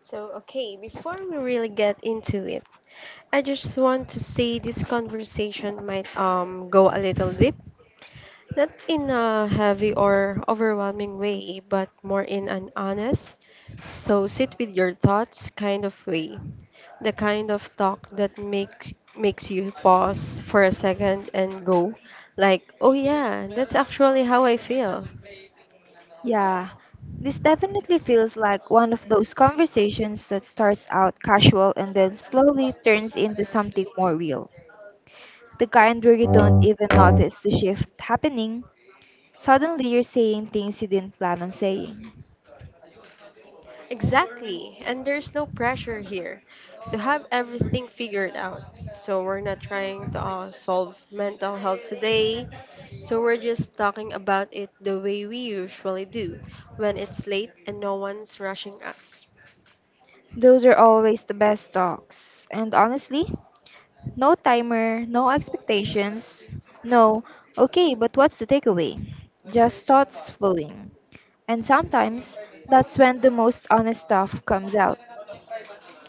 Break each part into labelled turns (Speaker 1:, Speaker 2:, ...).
Speaker 1: So, okay, before we really get into it, I just want to say this conversation might go a little deep, not in a heavy or overwhelming way, but more in an honest, so sit with your thoughts kind of way. The kind of talk that makes you pause for a second and go like, "Oh yeah, that's actually how I feel."
Speaker 2: Yeah, this definitely feels like one of those starts out casual and slowly turns into something more real. The kind where you don't even notice the shift happening. Suddenly you're saying things you didn't plan on saying.
Speaker 1: Exactly, and there's no pressure here to have everything figured out. So we're not trying to solve mental health today. So we're just talking about it the way we usually do when it's late and no one's rushing us.
Speaker 2: Those are always the best talks. And honestly, no timer, no expectations, no, okay, but what's the takeaway? Just thoughts flowing. And sometimes that's when the most honest stuff comes out.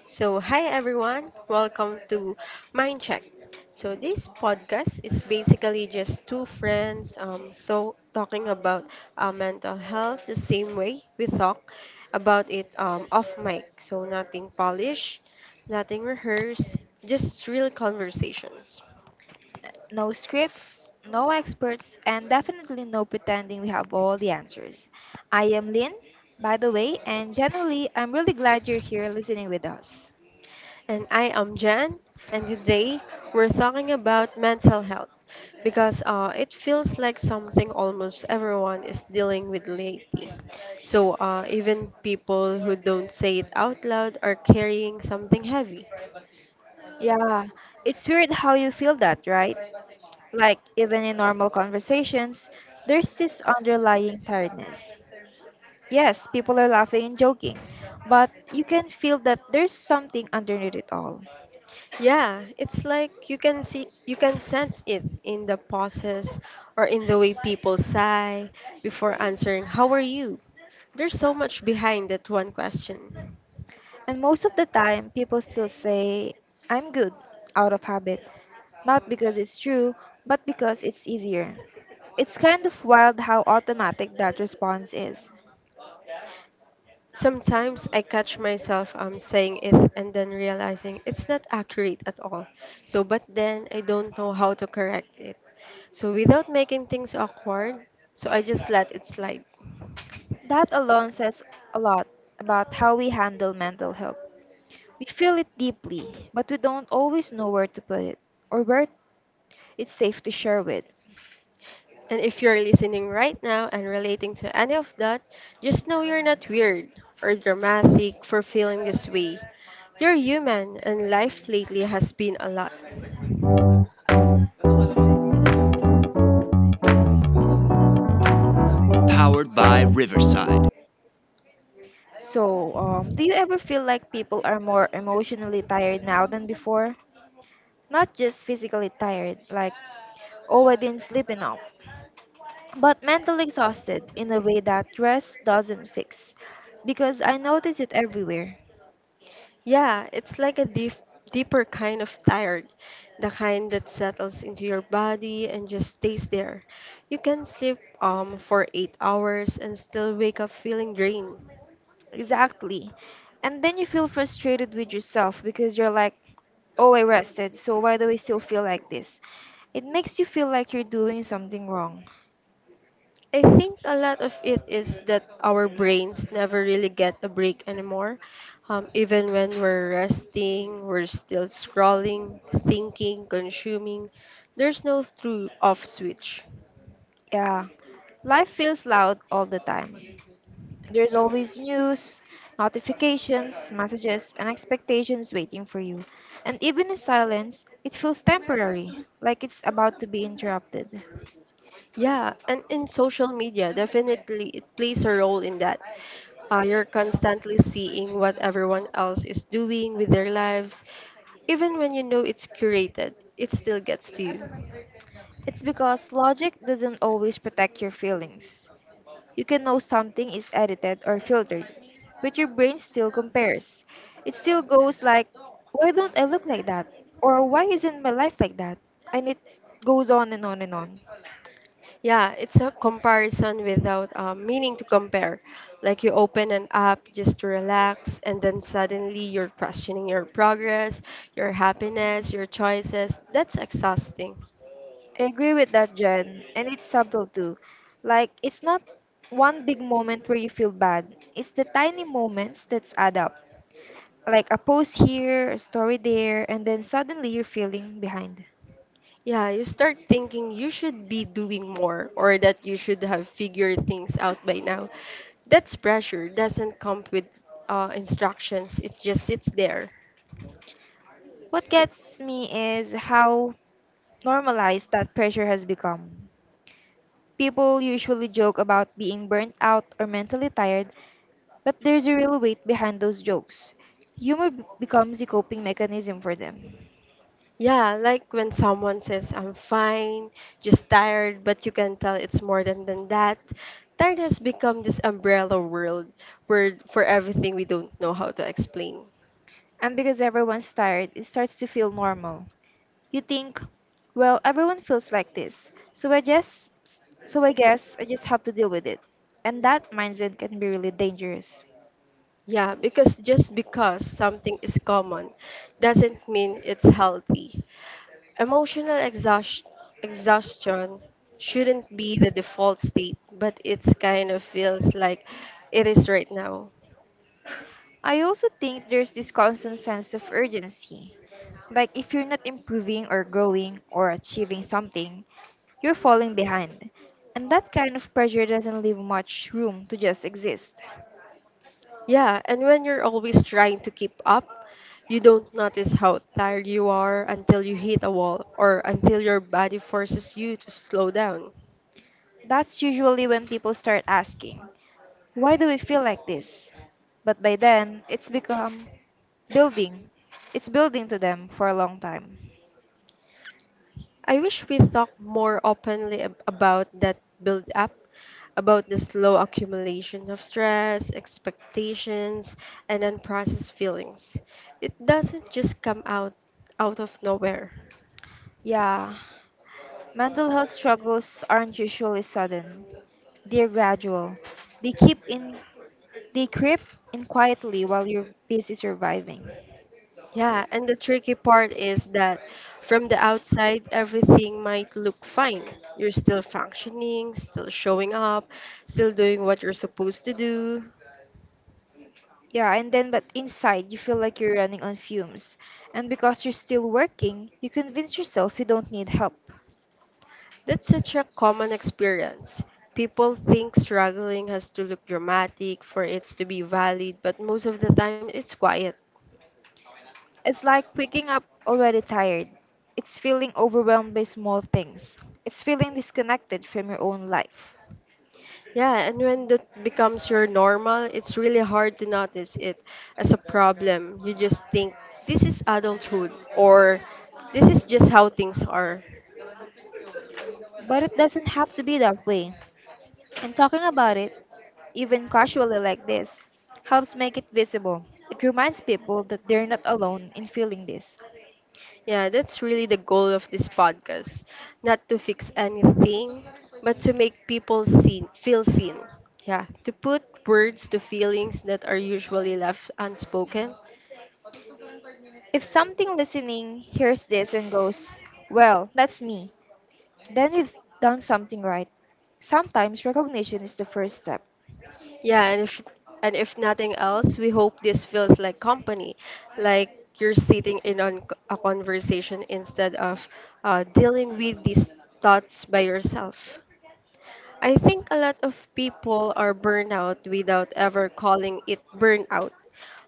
Speaker 1: So, hi everyone, welcome to Mind Check. So, this podcast is basically just two friends talking about mental health the same way we talk about it off mic. So, nothing polished, nothing rehearsed, just real conversations.
Speaker 2: No scripts, no experts, and definitely no pretending we have all the answers. I am Lynn, by the way, and generally, I'm really glad you're here listening with us.
Speaker 1: And I am Jan, and today we're talking about mental health because it feels like something almost everyone is dealing with lately. So, even people who don't say it out loud are carrying something heavy.
Speaker 2: Yeah, it's weird how you feel that, right? Like, even in normal conversations, there's this underlying tiredness. Yes, people are laughing and joking, but you can feel that there's something underneath it all.
Speaker 1: Yeah, it's like you can see, you can sense it in the pauses or in the way people sigh before answering, "How are you?" There's so much behind that one question.
Speaker 2: And most of the time, people still say, "I'm good," out of habit. Not because it's true, but because it's easier. It's kind of wild how automatic that response is.
Speaker 1: Sometimes I catch myself saying it and then realizing it's not accurate at all. So, but then I don't know how to correct it, so, without making things awkward, so I just let it slide.
Speaker 2: That alone says a lot about how we handle mental health. We feel it deeply, but we don't always know where to put it or where it's safe to share with.
Speaker 1: And if you're listening right now and relating to any of that, just know you're not weird or dramatic for feeling this way. You're human, and life lately has been a lot.
Speaker 2: So, do you ever feel like people are more emotionally tired now than before? Not just physically tired, like, "Oh, I didn't sleep enough." But mentally exhausted in a way that rest doesn't fix. Because I notice it everywhere.
Speaker 1: Yeah, it's like a deeper kind of tired, the kind that settles into your body and just stays there. You can sleep for 8 hours and still wake up feeling drained.
Speaker 2: Exactly. And then you feel frustrated with yourself because you're like, "Oh, I rested, so why do I still feel like this?" It makes you feel like you're doing something wrong.
Speaker 1: I think a lot of it is that our brains never really get a break anymore. Even when we're resting, we're still scrolling, thinking, consuming. There's no through off switch.
Speaker 2: Yeah. Life feels loud all the time. There's always news, notifications, messages, and expectations waiting for you. And even in silence, it feels temporary, like it's about to be interrupted.
Speaker 1: Yeah, and in social media, definitely it plays a role in that. You're constantly seeing what everyone else is doing with their lives. Even when you know it's curated, it still gets to you.
Speaker 2: It's because logic doesn't always protect your feelings. You can know something is edited or filtered, but your brain still compares. It still goes like, "Why don't I look like that? Or why isn't my life like that?" And it goes on and on and on.
Speaker 1: Yeah, it's a comparison without meaning to compare. Like you open an app just to relax, and then suddenly you're questioning your progress, your happiness, your choices. That's exhausting.
Speaker 2: I agree with that, Jen, and it's subtle too. Like, it's not one big moment where you feel bad, it's the tiny moments that add up. Like a post here, a story there, and then suddenly you're feeling behind.
Speaker 1: Yeah, you start thinking you should be doing more or that you should have figured things out by now. That's pressure, doesn't come with instructions, it just sits there.
Speaker 2: What gets me is how normalized that pressure has become. People usually joke about being burnt out or mentally tired, but there's a real weight behind those jokes. Becomes a coping mechanism for them.
Speaker 1: Yeah, like when someone says, "I'm fine, just tired," but you can tell it's more than that. Tired has become this umbrella world word for everything we don't know how to explain.
Speaker 2: And because everyone's tired, it starts to feel normal. You think, "Well, everyone feels like this, so I guess I just have to deal with it." And that mindset can be really dangerous.
Speaker 1: Yeah, because just because something is common doesn't mean it's healthy. Emotional exhaust- exhaustion shouldn't be the default state, but it's kind of feels like it is right now.
Speaker 2: I also think there's this constant sense of urgency. Like if you're not improving or growing or achieving something, you're falling behind. And that kind of pressure doesn't leave much room to just exist.
Speaker 1: Yeah, and when you're always trying to keep up, you don't notice how tired you are until you hit a wall or until your body forces you to slow down.
Speaker 2: That's usually when people start asking, "Why do we feel like this?" But by then, it's become building. It's building to them for a long time.
Speaker 1: I wish we talked more openly about that build up, about the slow accumulation of stress, expectations, and unprocessed feelings. It doesn't just come out of nowhere.
Speaker 2: Yeah, mental health struggles aren't usually sudden. They're gradual. They keep in they creep in quietly while you're busy surviving.
Speaker 1: Yeah, and the tricky part is that from the outside, everything might look fine. You're still functioning, still showing up, still doing what you're supposed to do.
Speaker 2: Yeah, and then but inside you feel like you're running on fumes. And because you're still working, you convince yourself you don't need help.
Speaker 1: That's such a common experience. People think struggling has to look dramatic for it to be valid, but most of the time, it's quiet.
Speaker 2: It's like waking up already tired. It's feeling overwhelmed by small things. It's feeling disconnected from your own life.
Speaker 1: Yeah, and when that becomes your normal, it's really hard to notice it as a problem. You just think, this is adulthood, or this is just how things are.
Speaker 2: But it doesn't have to be that way. And talking about it, even casually like this, helps make it visible. It reminds people that they're not alone in feeling this.
Speaker 1: Yeah, that's really the goal of this podcast. Not to fix anything, but to make people feel seen. Yeah, to put words to feelings that are usually left unspoken.
Speaker 2: If something listening hears this and goes, "Well, that's me," then we've done something right. Sometimes recognition is the first step.
Speaker 1: Yeah, and if nothing else, we hope this feels like company, like you're sitting in on a conversation instead of dealing with these thoughts by yourself. I think a lot of people are burnout without ever calling it burnout.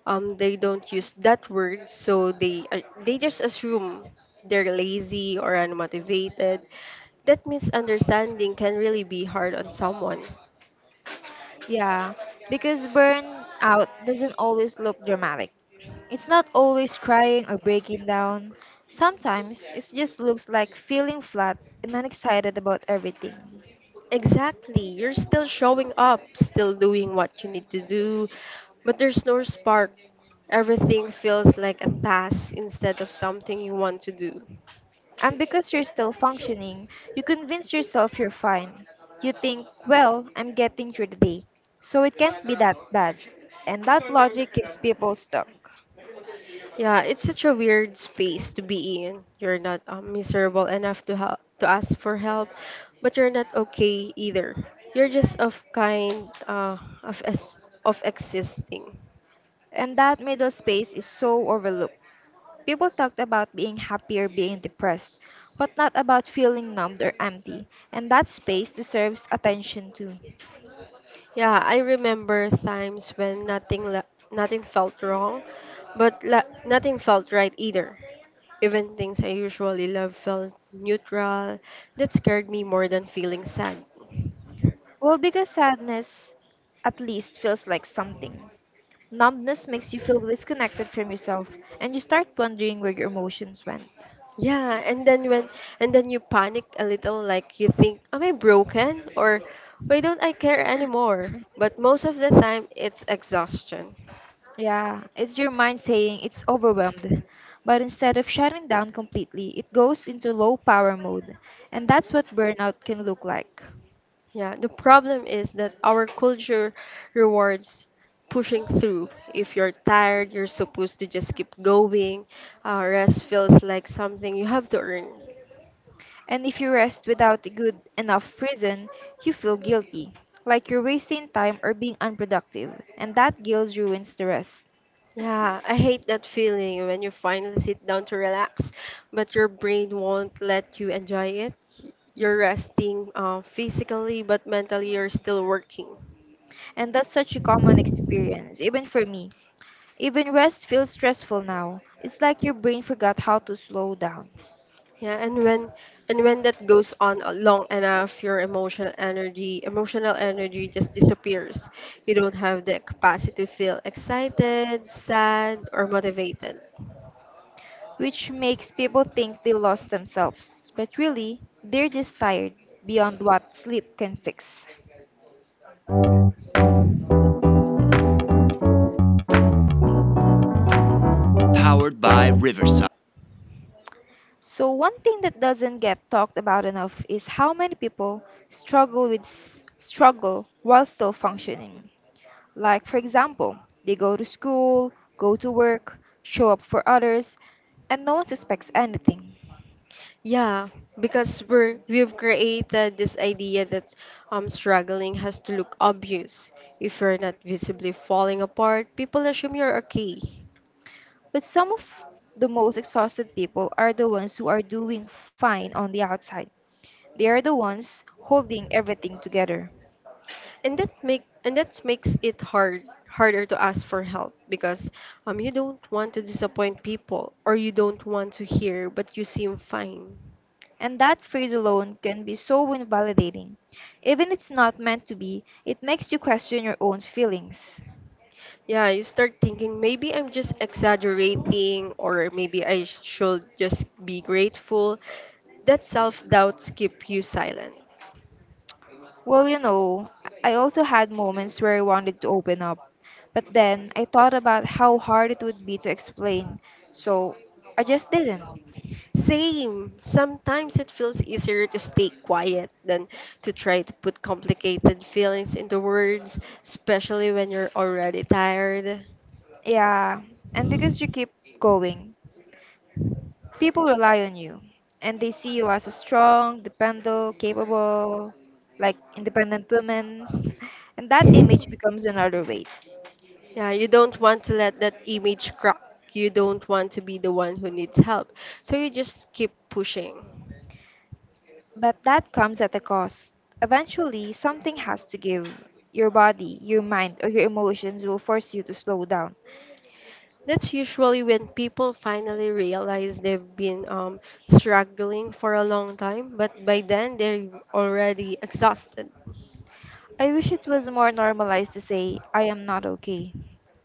Speaker 1: They don't use that word, so they just assume they're lazy or unmotivated. That misunderstanding can really be hard on someone.
Speaker 2: Yeah, because burnout doesn't always look dramatic. It's not always crying or breaking down. Sometimes it just looks like feeling flat and unexcited about everything.
Speaker 1: Exactly, you're still showing up, still doing what you need to do, but there's no spark. Everything feels like a task instead of something you want to do.
Speaker 2: And because you're still functioning, you convince yourself you're fine. You think, "Well, I'm getting through the day, so it can't be that bad." And that logic keeps people stuck.
Speaker 1: Yeah, it's such a weird space to be in. You're not miserable enough to ask for help, but you're not okay either. You're just of kind of es- of existing.
Speaker 2: And that middle space is so overlooked. People talked about being happy or being depressed, but not about feeling numbed or empty. And that space deserves attention too.
Speaker 1: Yeah, I remember times when nothing felt wrong, but nothing felt right either. Even things I usually love felt neutral. That scared me more than feeling sad.
Speaker 2: Well, because sadness at least feels like something. Numbness makes you feel disconnected from yourself, and you start wondering where your emotions went.
Speaker 1: Yeah, and then you panic a little like you think, am I broken or why don't I care anymore? But most of the time it's exhaustion.
Speaker 2: Yeah, it's your mind saying it's overwhelmed, but instead of shutting down completely, it goes into low power mode, and that's what burnout can look like.
Speaker 1: Yeah, the problem is that our culture rewards pushing through. If you're tired, you're supposed to just keep going. Rest feels like something you have to earn.
Speaker 2: And if you rest without a good enough reason, you feel guilty, like you're wasting time or being unproductive, and that guilt ruins the rest.
Speaker 1: Yeah, I hate that feeling when you finally sit down to relax, but your brain won't let you enjoy it. You're resting physically, but mentally you're still working.
Speaker 2: And that's such a common experience, even for me. Even rest feels stressful now. It's like your brain forgot how to slow down,
Speaker 1: Yeah, and when that goes on long enough, your emotional energy just disappears. You don't have the capacity to feel excited, sad, or motivated.
Speaker 2: which makes people think they lost themselves. But really, they're just tired beyond what sleep can fix. So, one thing that doesn't get talked about enough is how many people struggle while still functioning. Like, for example, they go to school, go to work, show up for others, and no one suspects anything.
Speaker 1: Yeah, because we've created this idea that struggling has to look obvious. If you're not visibly falling apart, people assume you're okay.
Speaker 2: But some of the most exhausted people are the ones who are doing fine on the outside. They are the ones holding everything together.
Speaker 1: And that makes it harder to ask for help because you don't want to disappoint people or you don't want to hear but you seem fine.
Speaker 2: And that phrase alone can be so invalidating. Even if it's not meant to be, it makes you question your own feelings.
Speaker 1: Yeah, you start thinking maybe I'm just exaggerating or maybe I should just be grateful that self doubts keep you silent.
Speaker 2: Well, you know, I also had moments where I wanted to open up. But then I thought about how hard it would be to explain. So I just didn't.
Speaker 1: Same. Sometimes it feels easier to stay quiet than to try to put complicated feelings into words, especially when you're already tired.
Speaker 2: Yeah, and because you keep going, people rely on you and they see you as a strong, dependable, capable, like independent woman. And that image becomes another weight.
Speaker 1: Yeah, you don't want to let that image crack. You don't want to be the one who needs help. So you just keep pushing.
Speaker 2: But that comes at a cost. Eventually, something has to give. Your body, your mind, or your emotions will force you to slow down.
Speaker 1: That's usually when people finally realize they've been struggling for a long time, but by then they're already exhausted.
Speaker 2: I wish it was more normalized to say, "I am not okay."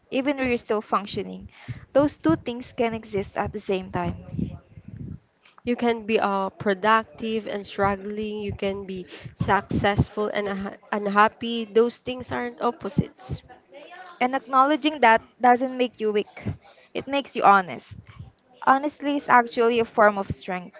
Speaker 2: Even when you're still functioning, those two things can exist at the same time.
Speaker 1: You can be productive and struggling. You can be successful and unhappy. Those things aren't opposites.
Speaker 2: And acknowledging that doesn't make you weak, it makes you honest. Honestly, it's actually a form of strength.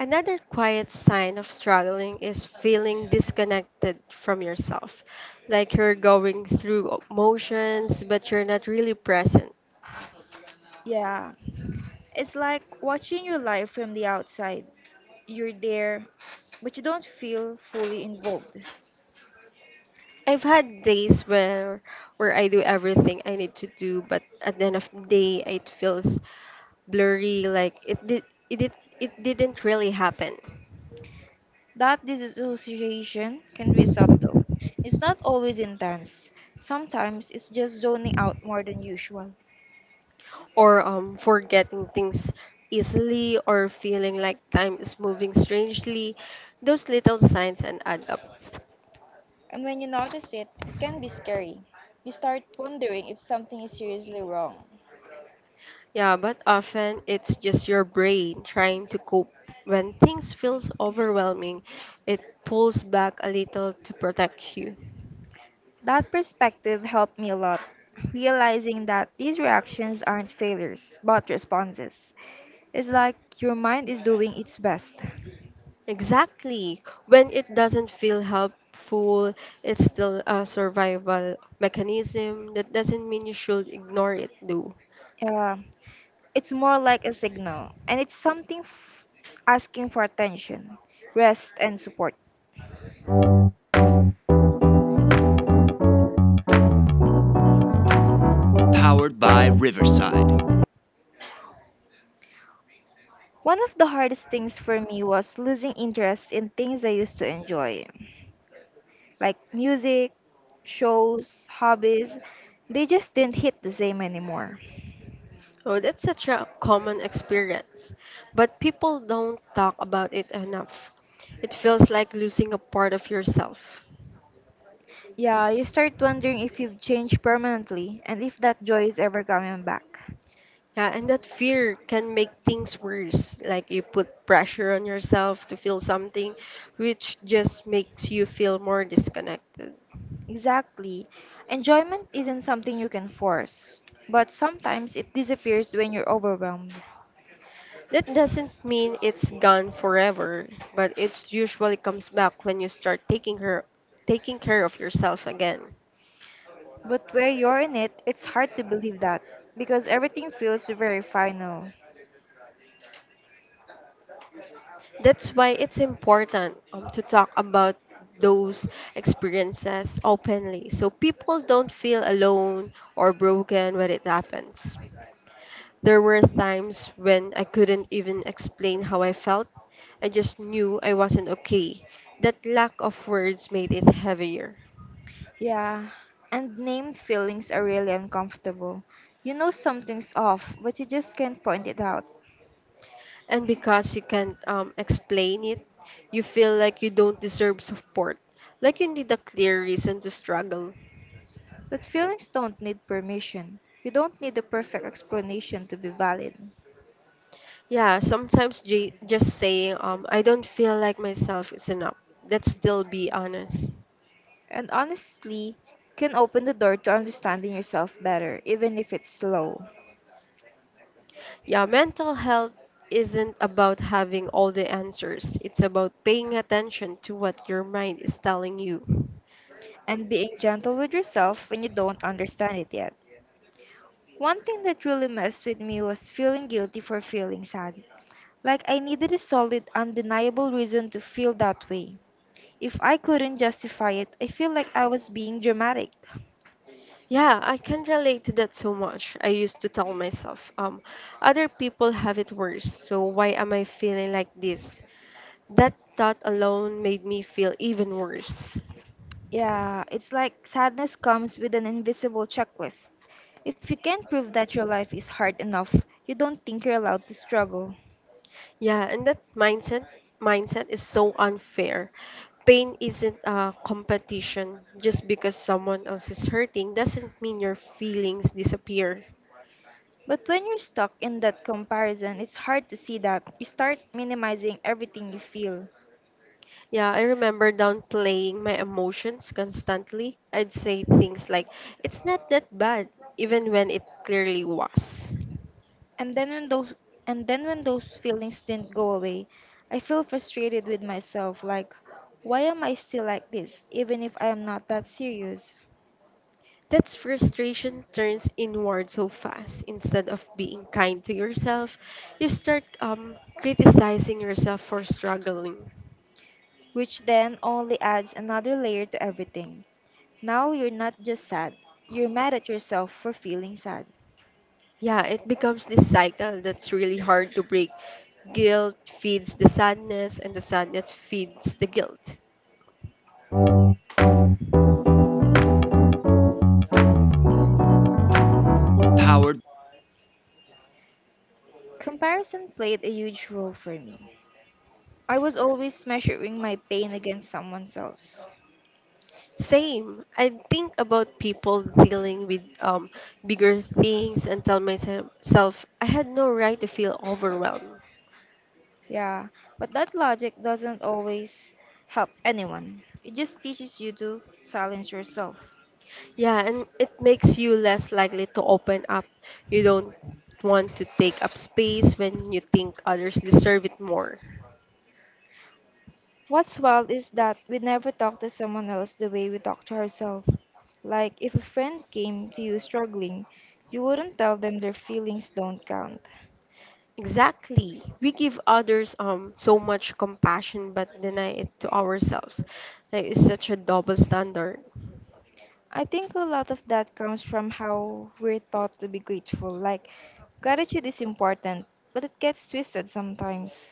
Speaker 1: Another quiet sign of struggling is feeling disconnected from yourself, like you're going through motions but you're not really present.
Speaker 2: Yeah. It's like watching your life from the outside. You're there, but you don't feel fully involved.
Speaker 1: I've had days where I do everything I need to do, but at the end of the day it feels blurry. Like it did, it didn't really happen.
Speaker 2: That disassociation can be subtle. It's not always intense. Sometimes it's just zoning out more than usual.
Speaker 1: Or forgetting things easily or feeling like time is moving strangely, those little signs and add up.
Speaker 2: And when you notice it, it can be scary. You start wondering if something is seriously wrong.
Speaker 1: Yeah, but often it's just your brain trying to cope. When things feels overwhelming, it pulls back a little to protect you.
Speaker 2: That perspective helped me a lot, realizing that these reactions aren't failures, but responses. It's like your mind is doing its best.
Speaker 1: Exactly. When it doesn't feel helpful, it's still a survival mechanism. That doesn't mean you should ignore it, though.
Speaker 2: Uh, it's more like a signal, and asking for attention, rest, and support. One of the hardest things for me was losing interest in things I used to enjoy, like music, shows, hobbies. They just didn't hit the same anymore.
Speaker 1: Oh, that's such a common experience, but people don't talk about it enough. It feels like losing a part of yourself.
Speaker 2: Yeah, you start wondering if you've changed permanently and if that joy is ever coming back.
Speaker 1: Yeah, and that fear can make things worse. Like you put pressure on yourself to feel something, which just makes you feel more disconnected.
Speaker 2: Exactly. Enjoyment isn't something you can force, but sometimes it disappears when you're overwhelmed.
Speaker 1: That doesn't mean it's gone forever, but it usually comes back when you start taking care of yourself again.
Speaker 2: But where you're in it, it's hard to believe that because everything feels very final.
Speaker 1: That's why it's important to talk about those experiences openly so people don't feel alone or broken when it happens. There were times when I couldn't even explain how I felt. I just knew I wasn't okay. That lack of words made it heavier.
Speaker 2: Yeah, and named feelings are really uncomfortable. You know something's off, but you just can't point it out.
Speaker 1: And because you can't explain it, you feel like you don't deserve support, like you need a clear reason to struggle.
Speaker 2: But feelings don't need permission. You don't need a perfect explanation to be valid.
Speaker 1: Yeah, sometimes just saying, I don't feel like myself is enough. Let's still be honest.
Speaker 2: And honestly, can open the door to understanding yourself better, even if it's slow.
Speaker 1: Yeah, mental health isn't about having all the answers, it's about paying attention to what your mind is telling you.
Speaker 2: And being gentle with yourself when you don't understand it yet. One thing that really messed with me was feeling guilty for feeling sad. Like I needed a solid, undeniable reason to feel that way. If I couldn't justify it, I feel like I was being dramatic.
Speaker 1: Yeah, I can relate to that so much. I used to tell myself, other people have it worse, so why am I feeling like this? That thought alone made me feel even worse.
Speaker 2: Yeah, it's like sadness comes with an invisible checklist. If you can't prove that your life is hard enough, you don't think you're allowed to struggle.
Speaker 1: Yeah, and that mindset is so unfair. Pain isn't a competition. Just because someone else is hurting doesn't mean your feelings disappear.
Speaker 2: But when you're stuck in that comparison, it's hard to see that. You start minimizing everything you feel.
Speaker 1: Yeah, I remember downplaying my emotions constantly. I'd say things like, it's not that bad, even when it clearly was.
Speaker 2: And then when those and then when those feelings didn't go away, I feel frustrated with myself like, "Why am I still like this even if I am not that serious?"
Speaker 1: That frustration turns inward so fast. Instead of being kind to yourself, you start criticizing yourself for struggling.
Speaker 2: Which then only adds another layer to everything. Now you're not just sad, you're mad at yourself for feeling sad.
Speaker 1: Yeah, it becomes this cycle that's really hard to break. Guilt feeds the sadness, and the sadness feeds the guilt.
Speaker 2: Comparison played a huge role for me. I was always measuring my pain against someone else.
Speaker 1: Same. I think about people dealing with bigger things and tell myself I had no right to feel overwhelmed.
Speaker 2: Yeah, but that logic doesn't always help anyone. It just teaches you to silence yourself.
Speaker 1: Yeah, and it makes you less likely to open up. You don't want to take up space when you think others deserve it more.
Speaker 2: What's wild is that we never talk to someone else the way we talk to ourselves. Like, if a friend came to you struggling, you wouldn't tell them their feelings don't count.
Speaker 1: Exactly. We give others so much compassion but deny it to ourselves. Like it's such a double standard.
Speaker 2: I think a lot of that comes from how we're taught to be grateful. Like, gratitude is important, but it gets twisted sometimes.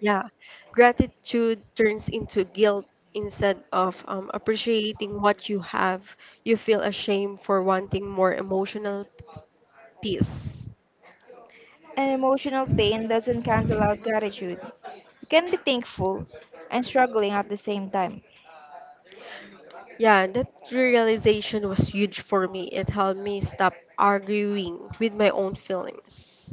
Speaker 1: Yeah. Gratitude turns into guilt instead of appreciating what you have. You feel ashamed for wanting more emotional peace.
Speaker 2: And emotional pain doesn't cancel out gratitude. You can be thankful and struggling at the same time.
Speaker 1: Yeah, that realization was huge for me. It helped me stop arguing with my own feelings.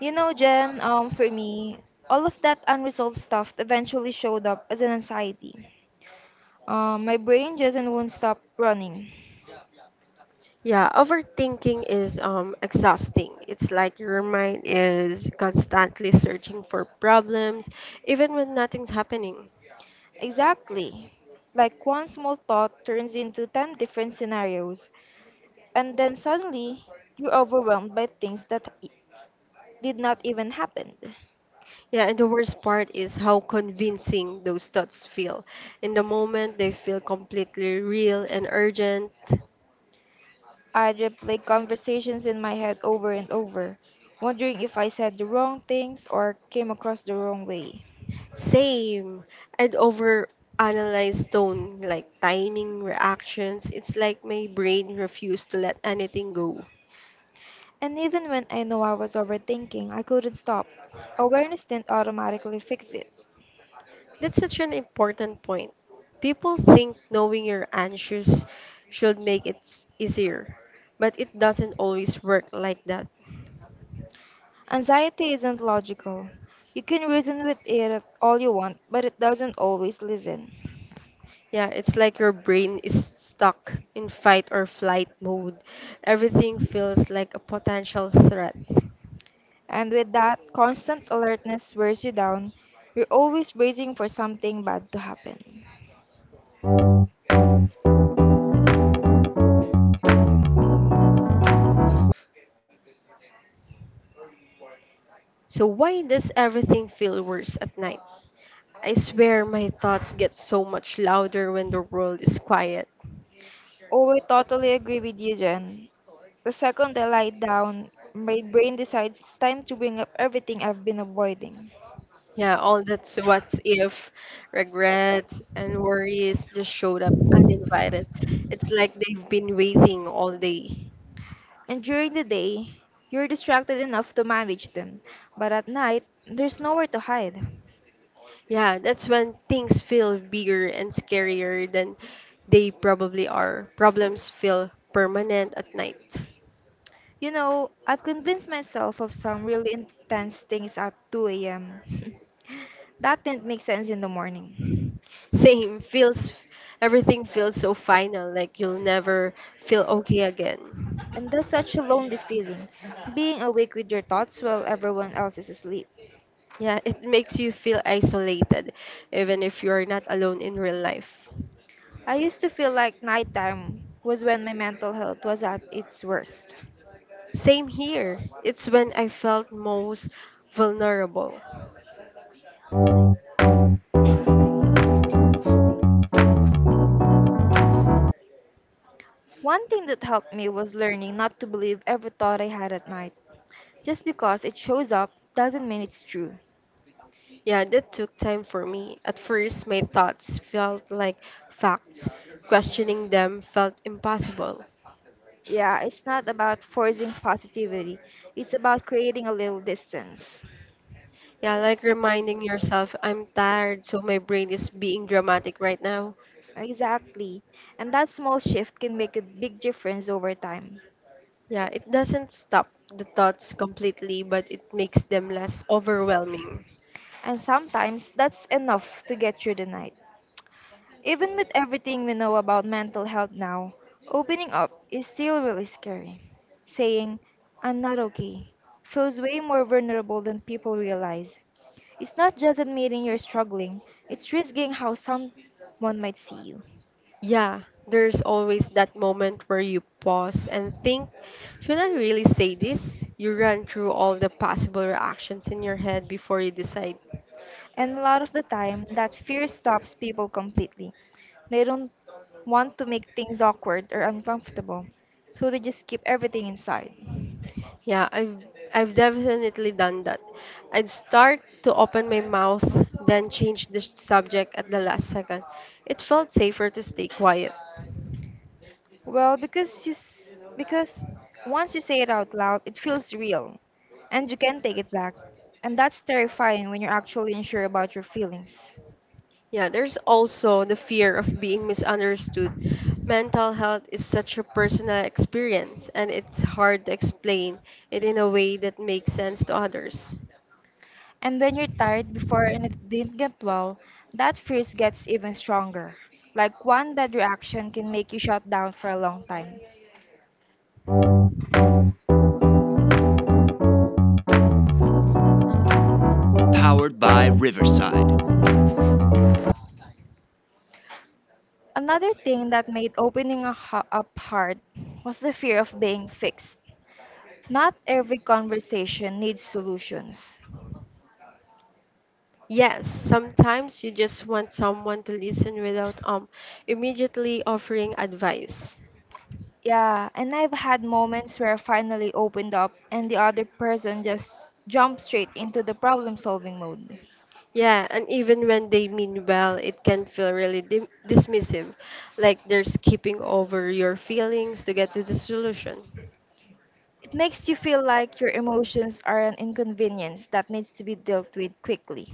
Speaker 2: You know, Jen, for me, all of that unresolved stuff eventually showed up as an anxiety. My brain just won't stop running.
Speaker 1: Yeah, overthinking is exhausting. It's like your mind is constantly searching for problems even when nothing's happening.
Speaker 2: Exactly. Like one small thought turns into 10 different scenarios, and then suddenly you're overwhelmed by things that did not even happen.
Speaker 1: Yeah, and the worst part is how convincing those thoughts feel. In the moment, they feel completely real and urgent.
Speaker 2: I'd replay conversations in my head over and over, wondering if I said the wrong things or came across the wrong way.
Speaker 1: Same. I'd over analyze tone like timing reactions, it's like my brain refused to let anything go.
Speaker 2: And even when I know I was overthinking, I couldn't stop. Awareness didn't automatically fix it.
Speaker 1: That's such an important point. People think knowing your answers should make it easier, but it doesn't always work like that.
Speaker 2: Anxiety isn't logical. You can reason with it all you want, but it doesn't always listen.
Speaker 1: Yeah, it's like your brain is stuck in fight or flight mode. Everything feels like a potential threat.
Speaker 2: And with that, constant alertness wears you down. You're always bracing for something bad to happen.
Speaker 1: So why does everything feel worse at night? I swear my thoughts get so much louder when the world is quiet.
Speaker 2: Oh, I totally agree with you, Jen. The second I lie down, my brain decides it's time to bring up everything I've been avoiding.
Speaker 1: Yeah, all that's what's if, regrets, and worries just showed up uninvited. It's like they've been waiting all day.
Speaker 2: And during the day, you're distracted enough to manage them, but at night, there's nowhere to hide.
Speaker 1: Yeah, that's when things feel bigger and scarier than they probably are. Problems feel permanent at night.
Speaker 2: You know, I've convinced myself of some really intense things at 2 a.m. that didn't make sense in the morning.
Speaker 1: Same, feels everything feels so final, like you'll never feel okay again.
Speaker 2: And there's such a lonely feeling, being awake with your thoughts while everyone else is asleep.
Speaker 1: Yeah, it makes you feel isolated, even if you're not alone in real life.
Speaker 2: I used to feel like nighttime was when my mental health was at its worst.
Speaker 1: Same here. It's when I felt most vulnerable.
Speaker 2: One thing that helped me was learning not to believe every thought I had at night. Just because it shows up doesn't mean it's true.
Speaker 1: Yeah, that took time for me. At first, my thoughts felt like facts. Questioning them felt impossible.
Speaker 2: Yeah, it's not about forcing positivity, it's about creating a little distance.
Speaker 1: Yeah, like reminding yourself, I'm tired, so my brain is being dramatic right now.
Speaker 2: Exactly, and that small shift can make a big difference over time.
Speaker 1: Yeah, it doesn't stop the thoughts completely, but it makes them less overwhelming.
Speaker 2: And sometimes that's enough to get through the night. Even with everything we know about mental health now, opening up is still really scary. Saying, I'm not okay, feels way more vulnerable than people realize. It's not just admitting you're struggling, it's risking how someone might see you.
Speaker 1: Yeah, there's always that moment where you pause and think, should I really say this? You run through all the possible reactions in your head before you decide.
Speaker 2: And a lot of the time, that fear stops people completely. They don't want to make things awkward or uncomfortable, so they just keep everything inside.
Speaker 1: Yeah, I've definitely done that. I'd start to open my mouth, then change the subject at the last second. It felt safer to stay quiet.
Speaker 2: Well, because because once you say it out loud, it feels real and you can take it back. And that's terrifying when you're actually unsure about your feelings.
Speaker 1: Yeah, there's also the fear of being misunderstood. Mental health is such a personal experience, and it's hard to explain it in a way that makes sense to others.
Speaker 2: And when you're tired before and it didn't get well, that fear gets even stronger. Like one bad reaction can make you shut down for a long time. Another thing that made opening up hard was the fear of being fixed. Not every conversation needs solutions.
Speaker 1: Yes, sometimes you just want someone to listen without immediately offering advice.
Speaker 2: Yeah, and I've had moments where I finally opened up and the other person just jumped straight into the problem solving mode.
Speaker 1: Yeah, and even when they mean well, it can feel really dismissive, like they're skipping over your feelings to get to the solution.
Speaker 2: It makes you feel like your emotions are an inconvenience that needs to be dealt with quickly.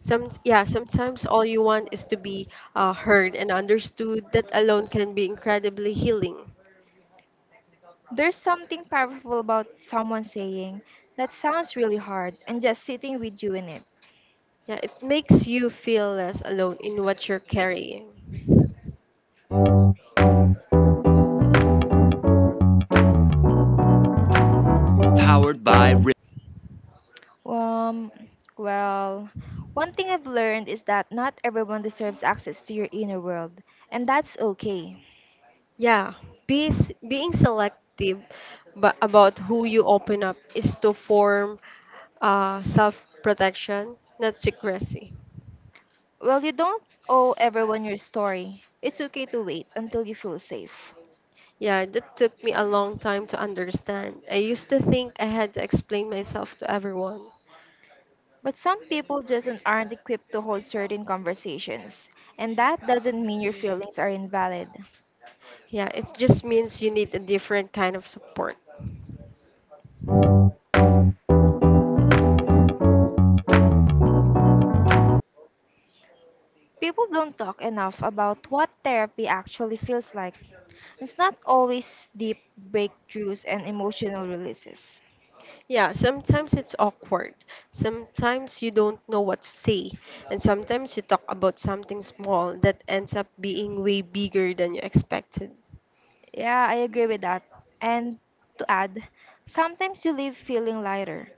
Speaker 1: Some yeah, sometimes all you want is to be heard and understood. That alone can be incredibly healing.
Speaker 2: There's something powerful about someone saying, That sounds really hard, and just sitting with you in it.
Speaker 1: Yeah, it makes you feel less alone in what you're carrying.
Speaker 2: Um, well, one thing I've learned is that not everyone deserves access to your inner world, and that's okay.
Speaker 1: Yeah, be, being selective but about who you open up is to form self-protection, not secrecy.
Speaker 2: Well, you don't owe everyone your story. It's okay to wait until you feel safe.
Speaker 1: Yeah, that took me a long time to understand. I used to think I had to explain myself to everyone.
Speaker 2: But some people just aren't equipped to hold certain conversations, and that doesn't mean your feelings are invalid.
Speaker 1: Yeah, it just means you need a different kind of support.
Speaker 2: People don't talk enough about what therapy actually feels like. It's not always deep breakthroughs and emotional releases.
Speaker 1: Yeah, sometimes it's awkward. Sometimes you don't know what to say. And sometimes you talk about something small that ends up being way bigger than you expected.
Speaker 2: Yeah, I agree with that. And to add, sometimes you leave feeling lighter,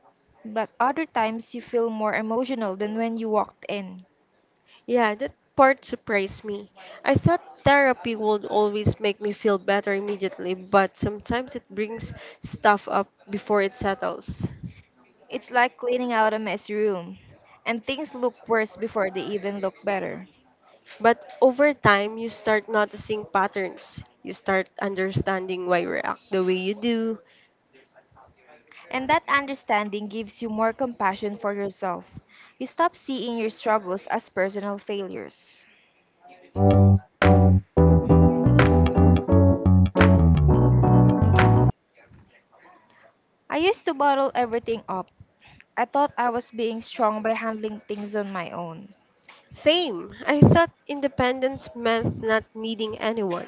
Speaker 2: but other times you feel more emotional than when you walked in.
Speaker 1: Yeah, that part surprised me. I thought therapy would always make me feel better immediately, but sometimes it brings stuff up before it settles.
Speaker 2: It's like cleaning out a messy room, and things look worse before they even look better.
Speaker 1: But over time, you start noticing patterns. You start understanding why you react the way you do.
Speaker 2: And that understanding gives you more compassion for yourself. You stop seeing your struggles as personal failures. I used to bottle everything up. I thought I was being strong by handling things on my own.
Speaker 1: Same. I thought independence meant not needing anyone.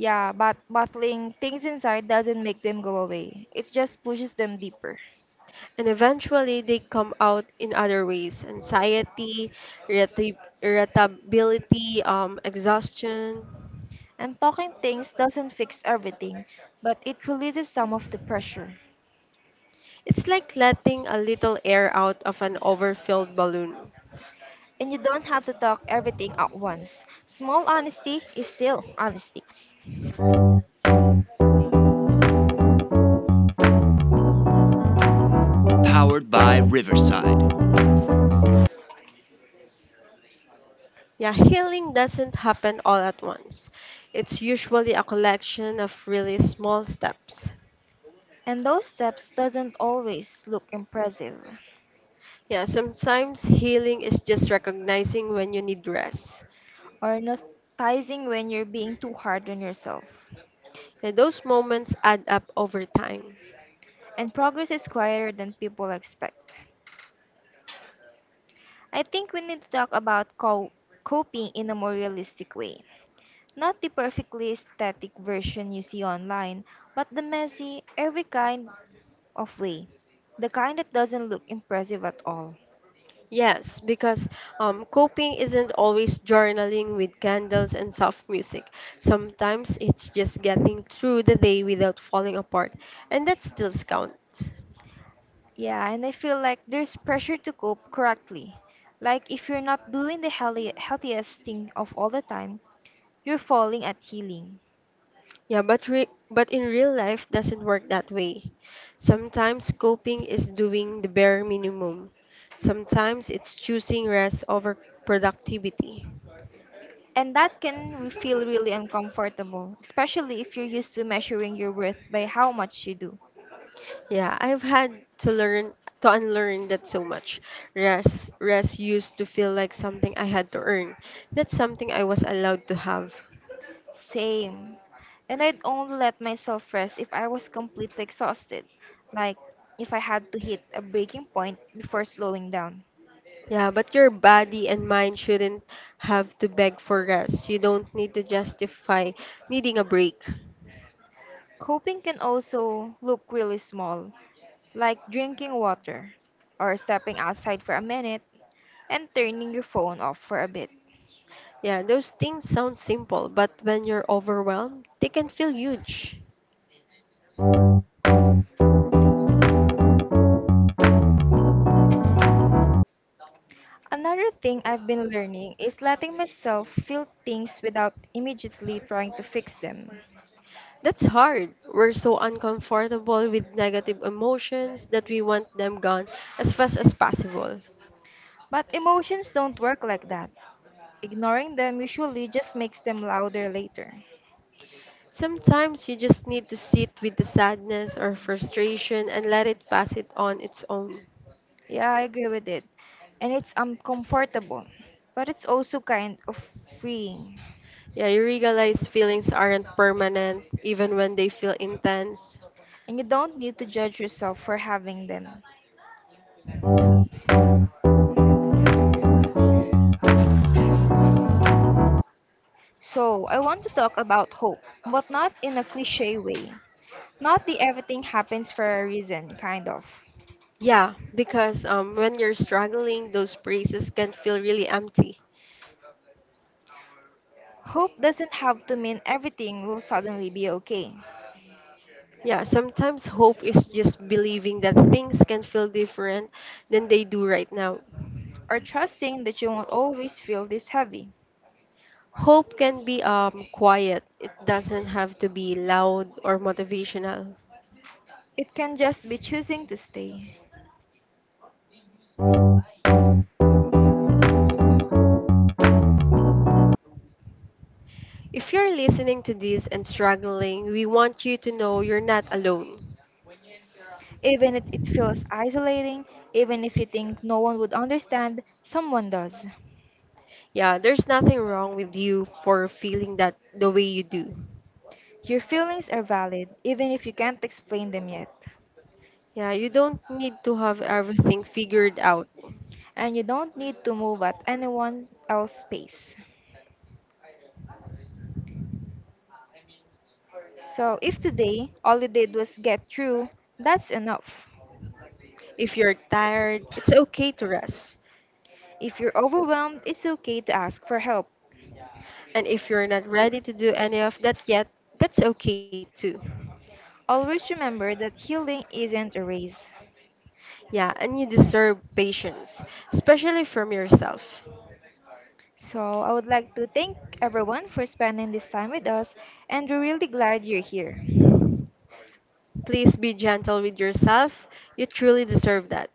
Speaker 2: Yeah, but bottling things inside doesn't make them go away. It just pushes them deeper.
Speaker 1: And eventually they come out in other ways anxiety, irritability, exhaustion.
Speaker 2: And talking things doesn't fix everything, but it releases some of the pressure.
Speaker 1: It's like letting a little air out of an overfilled balloon.
Speaker 2: And you don't have to talk everything at once. Small honesty is still honesty.
Speaker 1: Yeah, healing doesn't happen all at once. It's usually a collection of really small steps.
Speaker 2: And those steps doesn't always look impressive
Speaker 1: Yeah, sometimes healing is just recognizing when you need rest.
Speaker 2: or noticing when you're being too hard on yourself.
Speaker 1: And those moments add up over time.
Speaker 2: And progress is quieter than people expect. I think we need to talk about coping in a more realistic way. Not the perfectly aesthetic version you see online, but the messy, every kind of way. The kind that doesn't look impressive at all.
Speaker 1: Yes, because coping isn't always journaling with candles and soft music. Sometimes it's just getting through the day without falling apart, and that still counts.
Speaker 2: Yeah, and I feel like there's pressure to cope correctly. Like if you're not doing the healthy, healthiest thing of all the time, you're falling at healing.
Speaker 1: Yeah, but but in real life doesn't work that way. Sometimes coping is doing the bare minimum. Sometimes it's choosing rest over productivity.
Speaker 2: And that can feel really uncomfortable, especially if you're used to measuring your worth by how much you do.
Speaker 1: Yeah, I've had to learn to unlearn that so much. Rest used to feel like something I had to earn, not something I was allowed to have.
Speaker 2: Same. And I'd only let myself rest if I was completely exhausted, like if I had to hit a breaking point before slowing down.
Speaker 1: Yeah, but your body and mind shouldn't have to beg for rest. You don't need to justify needing a break.
Speaker 2: Coping can also look really small, like drinking water or stepping outside for a minute and turning your phone off for a bit.
Speaker 1: Yeah, those things sound simple, but when you're overwhelmed, they can feel huge.
Speaker 2: Another thing I've been learning is letting myself feel things without immediately trying to fix them.
Speaker 1: That's hard. We're so uncomfortable with negative emotions that we want them gone as fast as possible.
Speaker 2: But emotions don't work like that. Ignoring them usually just makes them louder later.
Speaker 1: Sometimes you just need to sit with the sadness or frustration and let it pass it on its own.
Speaker 2: Yeah, I agree with it. And it's uncomfortable, but it's also kind of freeing.
Speaker 1: Yeah, you realize feelings aren't permanent even when they feel intense.
Speaker 2: And you don't need to judge yourself for having them. So, I want to talk about hope, but not in a cliche way. Not the everything happens for a reason, kind of.
Speaker 1: Yeah, because when you're struggling, those praises can feel really empty.
Speaker 2: Hope doesn't have to mean everything will suddenly be okay,
Speaker 1: Yeah, sometimes hope is just believing that things can feel different than they do right now.
Speaker 2: or trusting that you won't always feel this heavy.
Speaker 1: Hope can be quiet. It doesn't have to be loud or motivational.
Speaker 2: It can just be choosing to stay.
Speaker 1: If you're listening to this and struggling, we want you to know you're not alone.
Speaker 2: Even if it feels isolating, even if you think no one would understand, someone does.
Speaker 1: Yeah, there's nothing wrong with you for feeling that the way you do.
Speaker 2: Your feelings are valid, even if you can't explain them yet,
Speaker 1: Yeah, you don't need to have everything figured out.
Speaker 2: and you don't need to move at anyone else's pace. So, if today all you did was get through, that's enough.
Speaker 1: If you're tired, it's okay to rest.
Speaker 2: If you're overwhelmed, it's okay to ask for help.
Speaker 1: And if you're not ready to do any of that yet, that's okay too.
Speaker 2: Always remember that healing isn't a race.
Speaker 1: Yeah, and you deserve patience, especially from yourself.
Speaker 2: So, I would like to thank everyone for spending this time with us, and we're really glad you're here.
Speaker 1: Please be gentle with yourself. You truly deserve that.